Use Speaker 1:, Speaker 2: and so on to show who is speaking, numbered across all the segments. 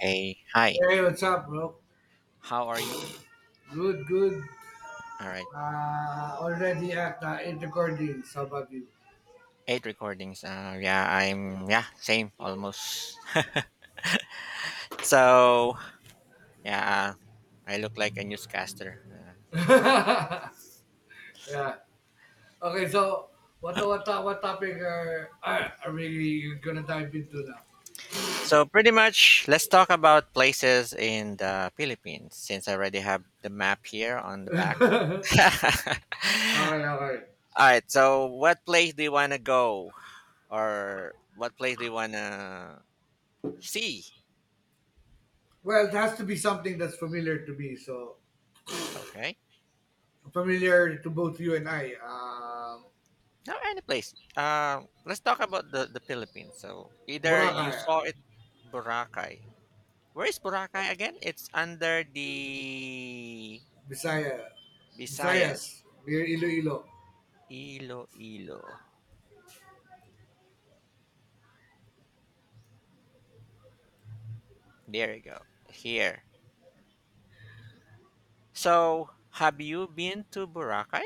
Speaker 1: Hey, hi.
Speaker 2: Hey, what's up, bro?
Speaker 1: How are you?
Speaker 2: Good, good.
Speaker 1: All right.
Speaker 2: Already at 8 recording, some of you.
Speaker 1: Eight recordings. Yeah, same almost. So yeah, I look like a newscaster. See.
Speaker 2: Yeah. Okay, so what topic are we gonna dive into now?
Speaker 1: So pretty much, let's talk about places in the Philippines since I already have the map here on the back. All
Speaker 2: Okay, okay.
Speaker 1: right. So what place do you want to go, or what place do you want to see?
Speaker 2: Well, it has to be something that's familiar to me. So
Speaker 1: Okay.
Speaker 2: familiar to both you and I.
Speaker 1: No, any place. Let's talk about the Philippines. So either you
Speaker 2: Boracay,
Speaker 1: saw it, Boracay. Where is Boracay again? It's under the
Speaker 2: Bisaya,
Speaker 1: Visayas,
Speaker 2: Visayas, near Iloilo.
Speaker 1: Iloilo. There you go. Here. So have you been to Boracay?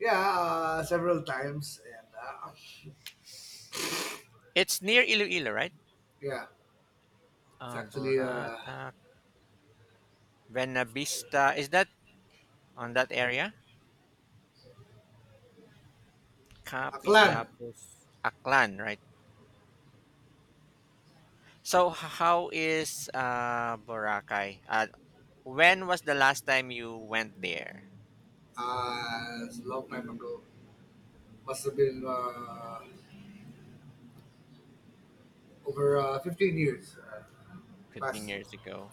Speaker 2: Yeah, several times, and
Speaker 1: It's near Iloilo, right?
Speaker 2: yeah, it's actually
Speaker 1: Borata, Buenavista. Is that on that area? Capiz,
Speaker 2: Aklan,
Speaker 1: Lapos, Aklan, right? So how is Boracay? When was the last time you went there?
Speaker 2: it's a long time ago. Must have been over 15 years.
Speaker 1: 15
Speaker 2: Past
Speaker 1: years ago.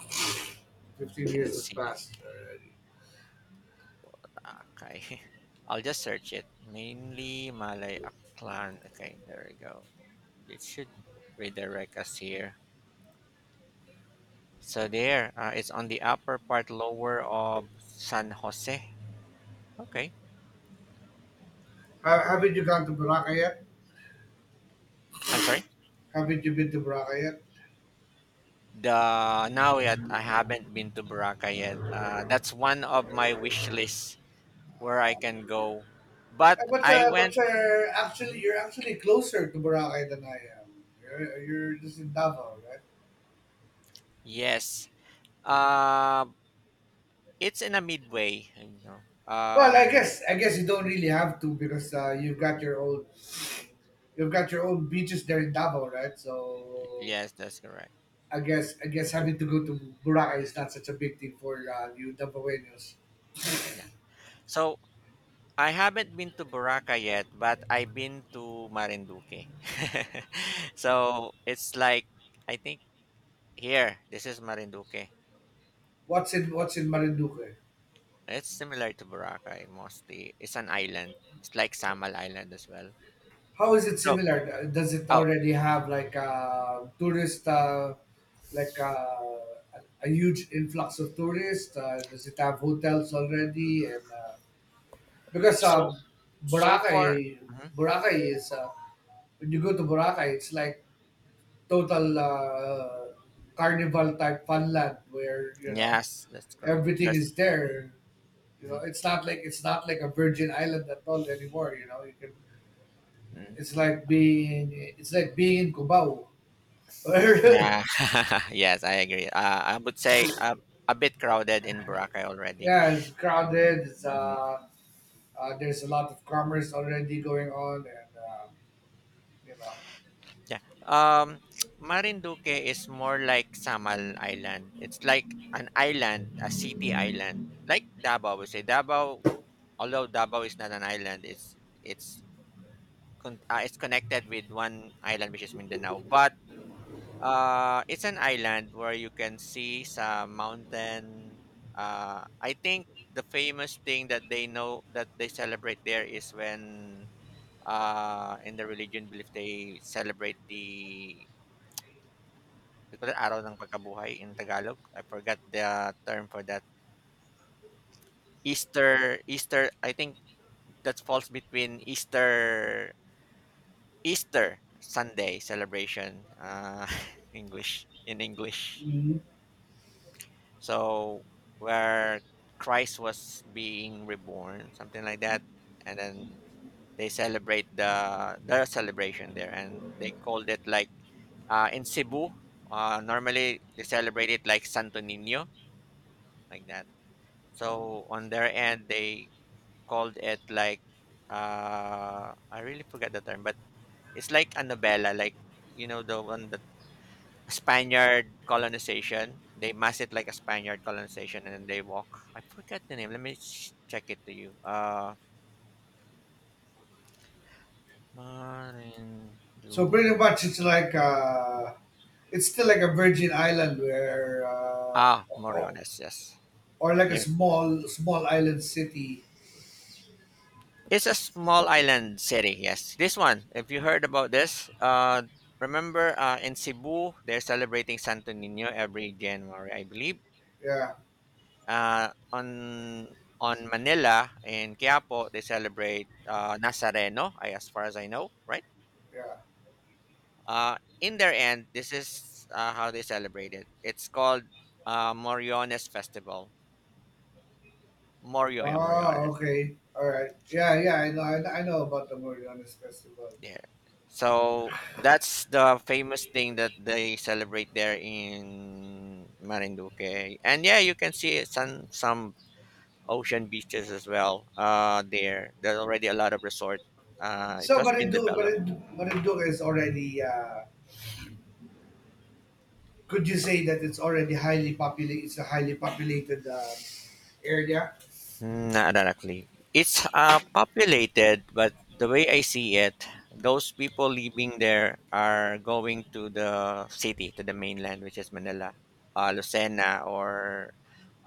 Speaker 1: I
Speaker 2: 15
Speaker 1: cannot
Speaker 2: years has
Speaker 1: see it.
Speaker 2: passed already.
Speaker 1: Okay. I'll just search it. Mainly Malay Aklan. Okay, there we go. It should redirect us here. So there, it's on the upper part lower of San Jose. Okay.
Speaker 2: Ha- haven't you gone to Boracay yet?
Speaker 1: I'm sorry.
Speaker 2: Haven't you been to Boracay yet?
Speaker 1: The now yet I haven't been to Boracay yet. That's one of my wish lists where I can go. But I went.
Speaker 2: But actually,
Speaker 1: Mhm.
Speaker 2: you're actually closer to Boracay than I am. You're just in Davao, right?
Speaker 1: Yes. Uh, it's in a midway, you know.
Speaker 2: Well, I guess you don't really have to because you've got your own you've got your own beaches there in Davao, right? So
Speaker 1: Yes, that's correct.
Speaker 2: I guess having to go to Boracay is not such a big thing for you Dabaweños.
Speaker 1: Yeah. So I haven't been to Boracay yet, but I've been to Marinduque. So it's like, I think here, this is Marinduque.
Speaker 2: What's in what's in Marinduque?
Speaker 1: It's similar to Boracay mostly. It's an island. It's like Samal Island as well.
Speaker 2: How is it
Speaker 1: So
Speaker 2: similar? Does it
Speaker 1: oh,
Speaker 2: already have like a tourist, like a huge influx of tourists? Does it have hotels already? And because
Speaker 1: so so far,
Speaker 2: Boracay,
Speaker 1: mhm.
Speaker 2: Boracay is when you go to Boracay, it's like total carnival type funland where you know
Speaker 1: Yes, that's great.
Speaker 2: everything
Speaker 1: That's
Speaker 2: is there. You know, it's not like a Virgin Island at all anymore. You know, you can.
Speaker 1: mhm.
Speaker 2: It's like being it's like being in Cubao.
Speaker 1: Yeah. Yes, I agree. I would say a bit crowded in Boracay already.
Speaker 2: Yeah, it's
Speaker 1: Mhm.
Speaker 2: crowded. It's
Speaker 1: Hmm.
Speaker 2: there's a lot of commerce already going on, and you know.
Speaker 1: Yeah. Marinduque is more like Samal Island. It's like an island, a city island, like Davao. We say Davao, although Davao is not an island, it's it's connected with one island which is Mindanao. But uh, it's an island where you can see some mountain. I think the famous thing that they know that they celebrate there is when in the religion belief they celebrate they call it araw ng pagkabuhay in Tagalog. I forgot the term for that. Easter, Easter. I think that falls between Easter, Easter Sunday celebration. English in English.
Speaker 2: Mhm.
Speaker 1: So where Christ was being reborn, something like that, and then they celebrate their celebration there, and they called it like in Cebu. Normally they celebrate it like Santo Nino, like that. So on their end, they called it like I really forget the term, but it's like a novella, like the one that Spaniard colonization. They mass it like a Spaniard colonization, and then they walk. I forget the name. Let me check it to you. Marin.
Speaker 2: So pretty much it's like it's still like a Virgin Island where
Speaker 1: Ah,
Speaker 2: or,
Speaker 1: Moriones. Yes.
Speaker 2: or like a
Speaker 1: Yeah.
Speaker 2: small island city.
Speaker 1: It's a small island city. Yes. This one. If you heard about this, remember in Cebu they're celebrating Santo Nino every January, I believe.
Speaker 2: Yeah,
Speaker 1: On Manila in Quiapo they celebrate Nazareno. As far as I know, right?
Speaker 2: yeah.
Speaker 1: In their end, this is how they celebrate it. It's called Moriones Festival. Morio, yeah,
Speaker 2: Oh,
Speaker 1: Moriones.
Speaker 2: okay. All right. Yeah, yeah. I know. I know about the Moriones Festival.
Speaker 1: Yeah. So that's the famous thing that they celebrate there in Marinduque. And yeah, you can see some ocean beaches as well there. There's already a lot of resort. It
Speaker 2: So,
Speaker 1: has been developed.
Speaker 2: but it do is already. Could you say that it's already highly populated? It's a highly populated area.
Speaker 1: Mm, not directly. It's populated, but the way I see it, those people living there are going to the city, to the mainland, which is Manila, Lucena, or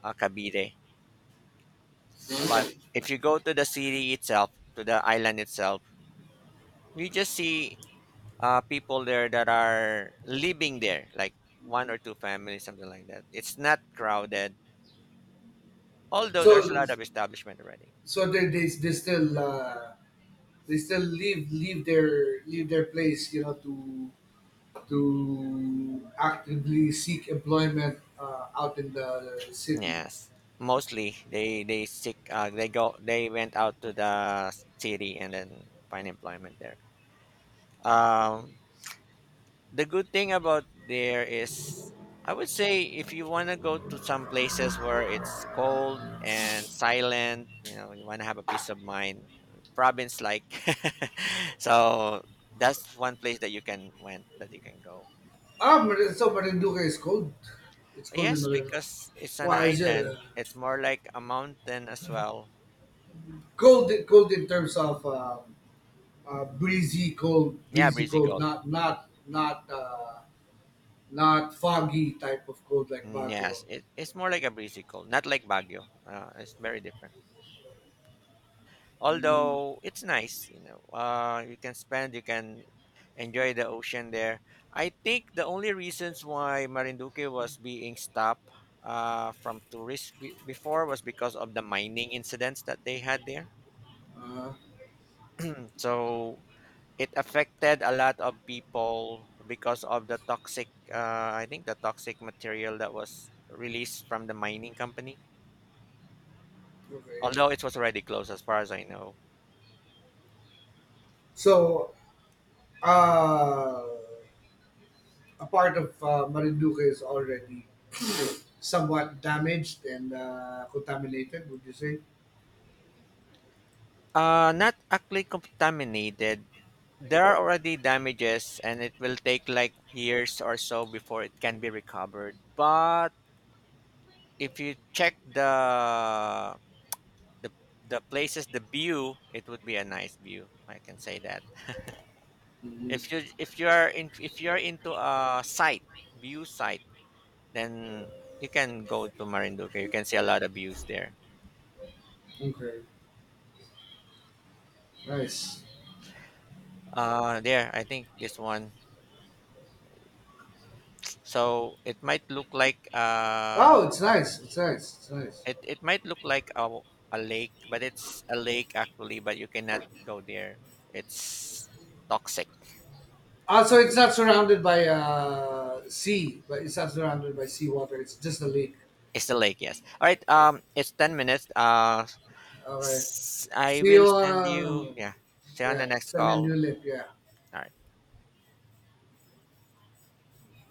Speaker 1: Cavite. But if you go to the city itself, to the island itself, you just see people there that are living there, like one or two families, something like that. It's not crowded, although there's a
Speaker 2: So,
Speaker 1: lot of establishment already.
Speaker 2: so they they, they still uh, they still leave their place, you know, to actively seek employment out in the city.
Speaker 1: Yes, mostly they seek they went out to the city and then find employment there. Um, the good thing about there is I would say if you want to go to some places where it's cold and silent, you know, you want to have a peace of mind, province like. So that's one place that you can go.
Speaker 2: Ah, so Marinduque is cold. It's cold in
Speaker 1: Yes,
Speaker 2: Marinduque.
Speaker 1: because it's an
Speaker 2: Wow, is it
Speaker 1: island. It's more like a mountain as well.
Speaker 2: cold? Cold in terms of breezy,
Speaker 1: Yeah, breezy.
Speaker 2: cold. Not foggy type of cold like
Speaker 1: Mm,
Speaker 2: Baguio.
Speaker 1: yes, it, it's more like a breezy cold, not like Baguio. It's very different.
Speaker 2: Mm,
Speaker 1: Although it's nice, you know, you can enjoy the ocean there. I think the only reasons why Marinduque was being stopped from tourists before was because of the mining incidents that they had there.
Speaker 2: uh,
Speaker 1: Mm, so it affected a lot of people because of the toxic, I think the toxic material that was released from the mining company.
Speaker 2: okay.
Speaker 1: Although it was already closed, as far as I know.
Speaker 2: So, uh, a part of Marinduque is already somewhat damaged and contaminated. Would you say?
Speaker 1: Not actually contaminated. There are already damages, and it will take like years or so before it can be recovered. But if you check the the places, the view, it would be a nice view. I can say that. If
Speaker 2: Mhm.
Speaker 1: you are in if you are into a site view site, then you can go to Marinduque. You can see a lot of views there.
Speaker 2: Okay. Nice.
Speaker 1: There. I think this one. So it might look like uh,
Speaker 2: Wow, it's
Speaker 1: oh,
Speaker 2: nice. It's nice. It's nice.
Speaker 1: it might look like a lake, but it's a lake actually, but you cannot go there. It's toxic.
Speaker 2: Also, it's not surrounded by seawater. It's just a lake.
Speaker 1: It's the lake, yes. All right, it's 10 minutes.
Speaker 2: Okay.
Speaker 1: I
Speaker 2: See
Speaker 1: will
Speaker 2: you.
Speaker 1: send you. Yeah, see you on
Speaker 2: Yeah,
Speaker 1: the next
Speaker 2: it's a new
Speaker 1: call.
Speaker 2: lake. Yeah.
Speaker 1: All right.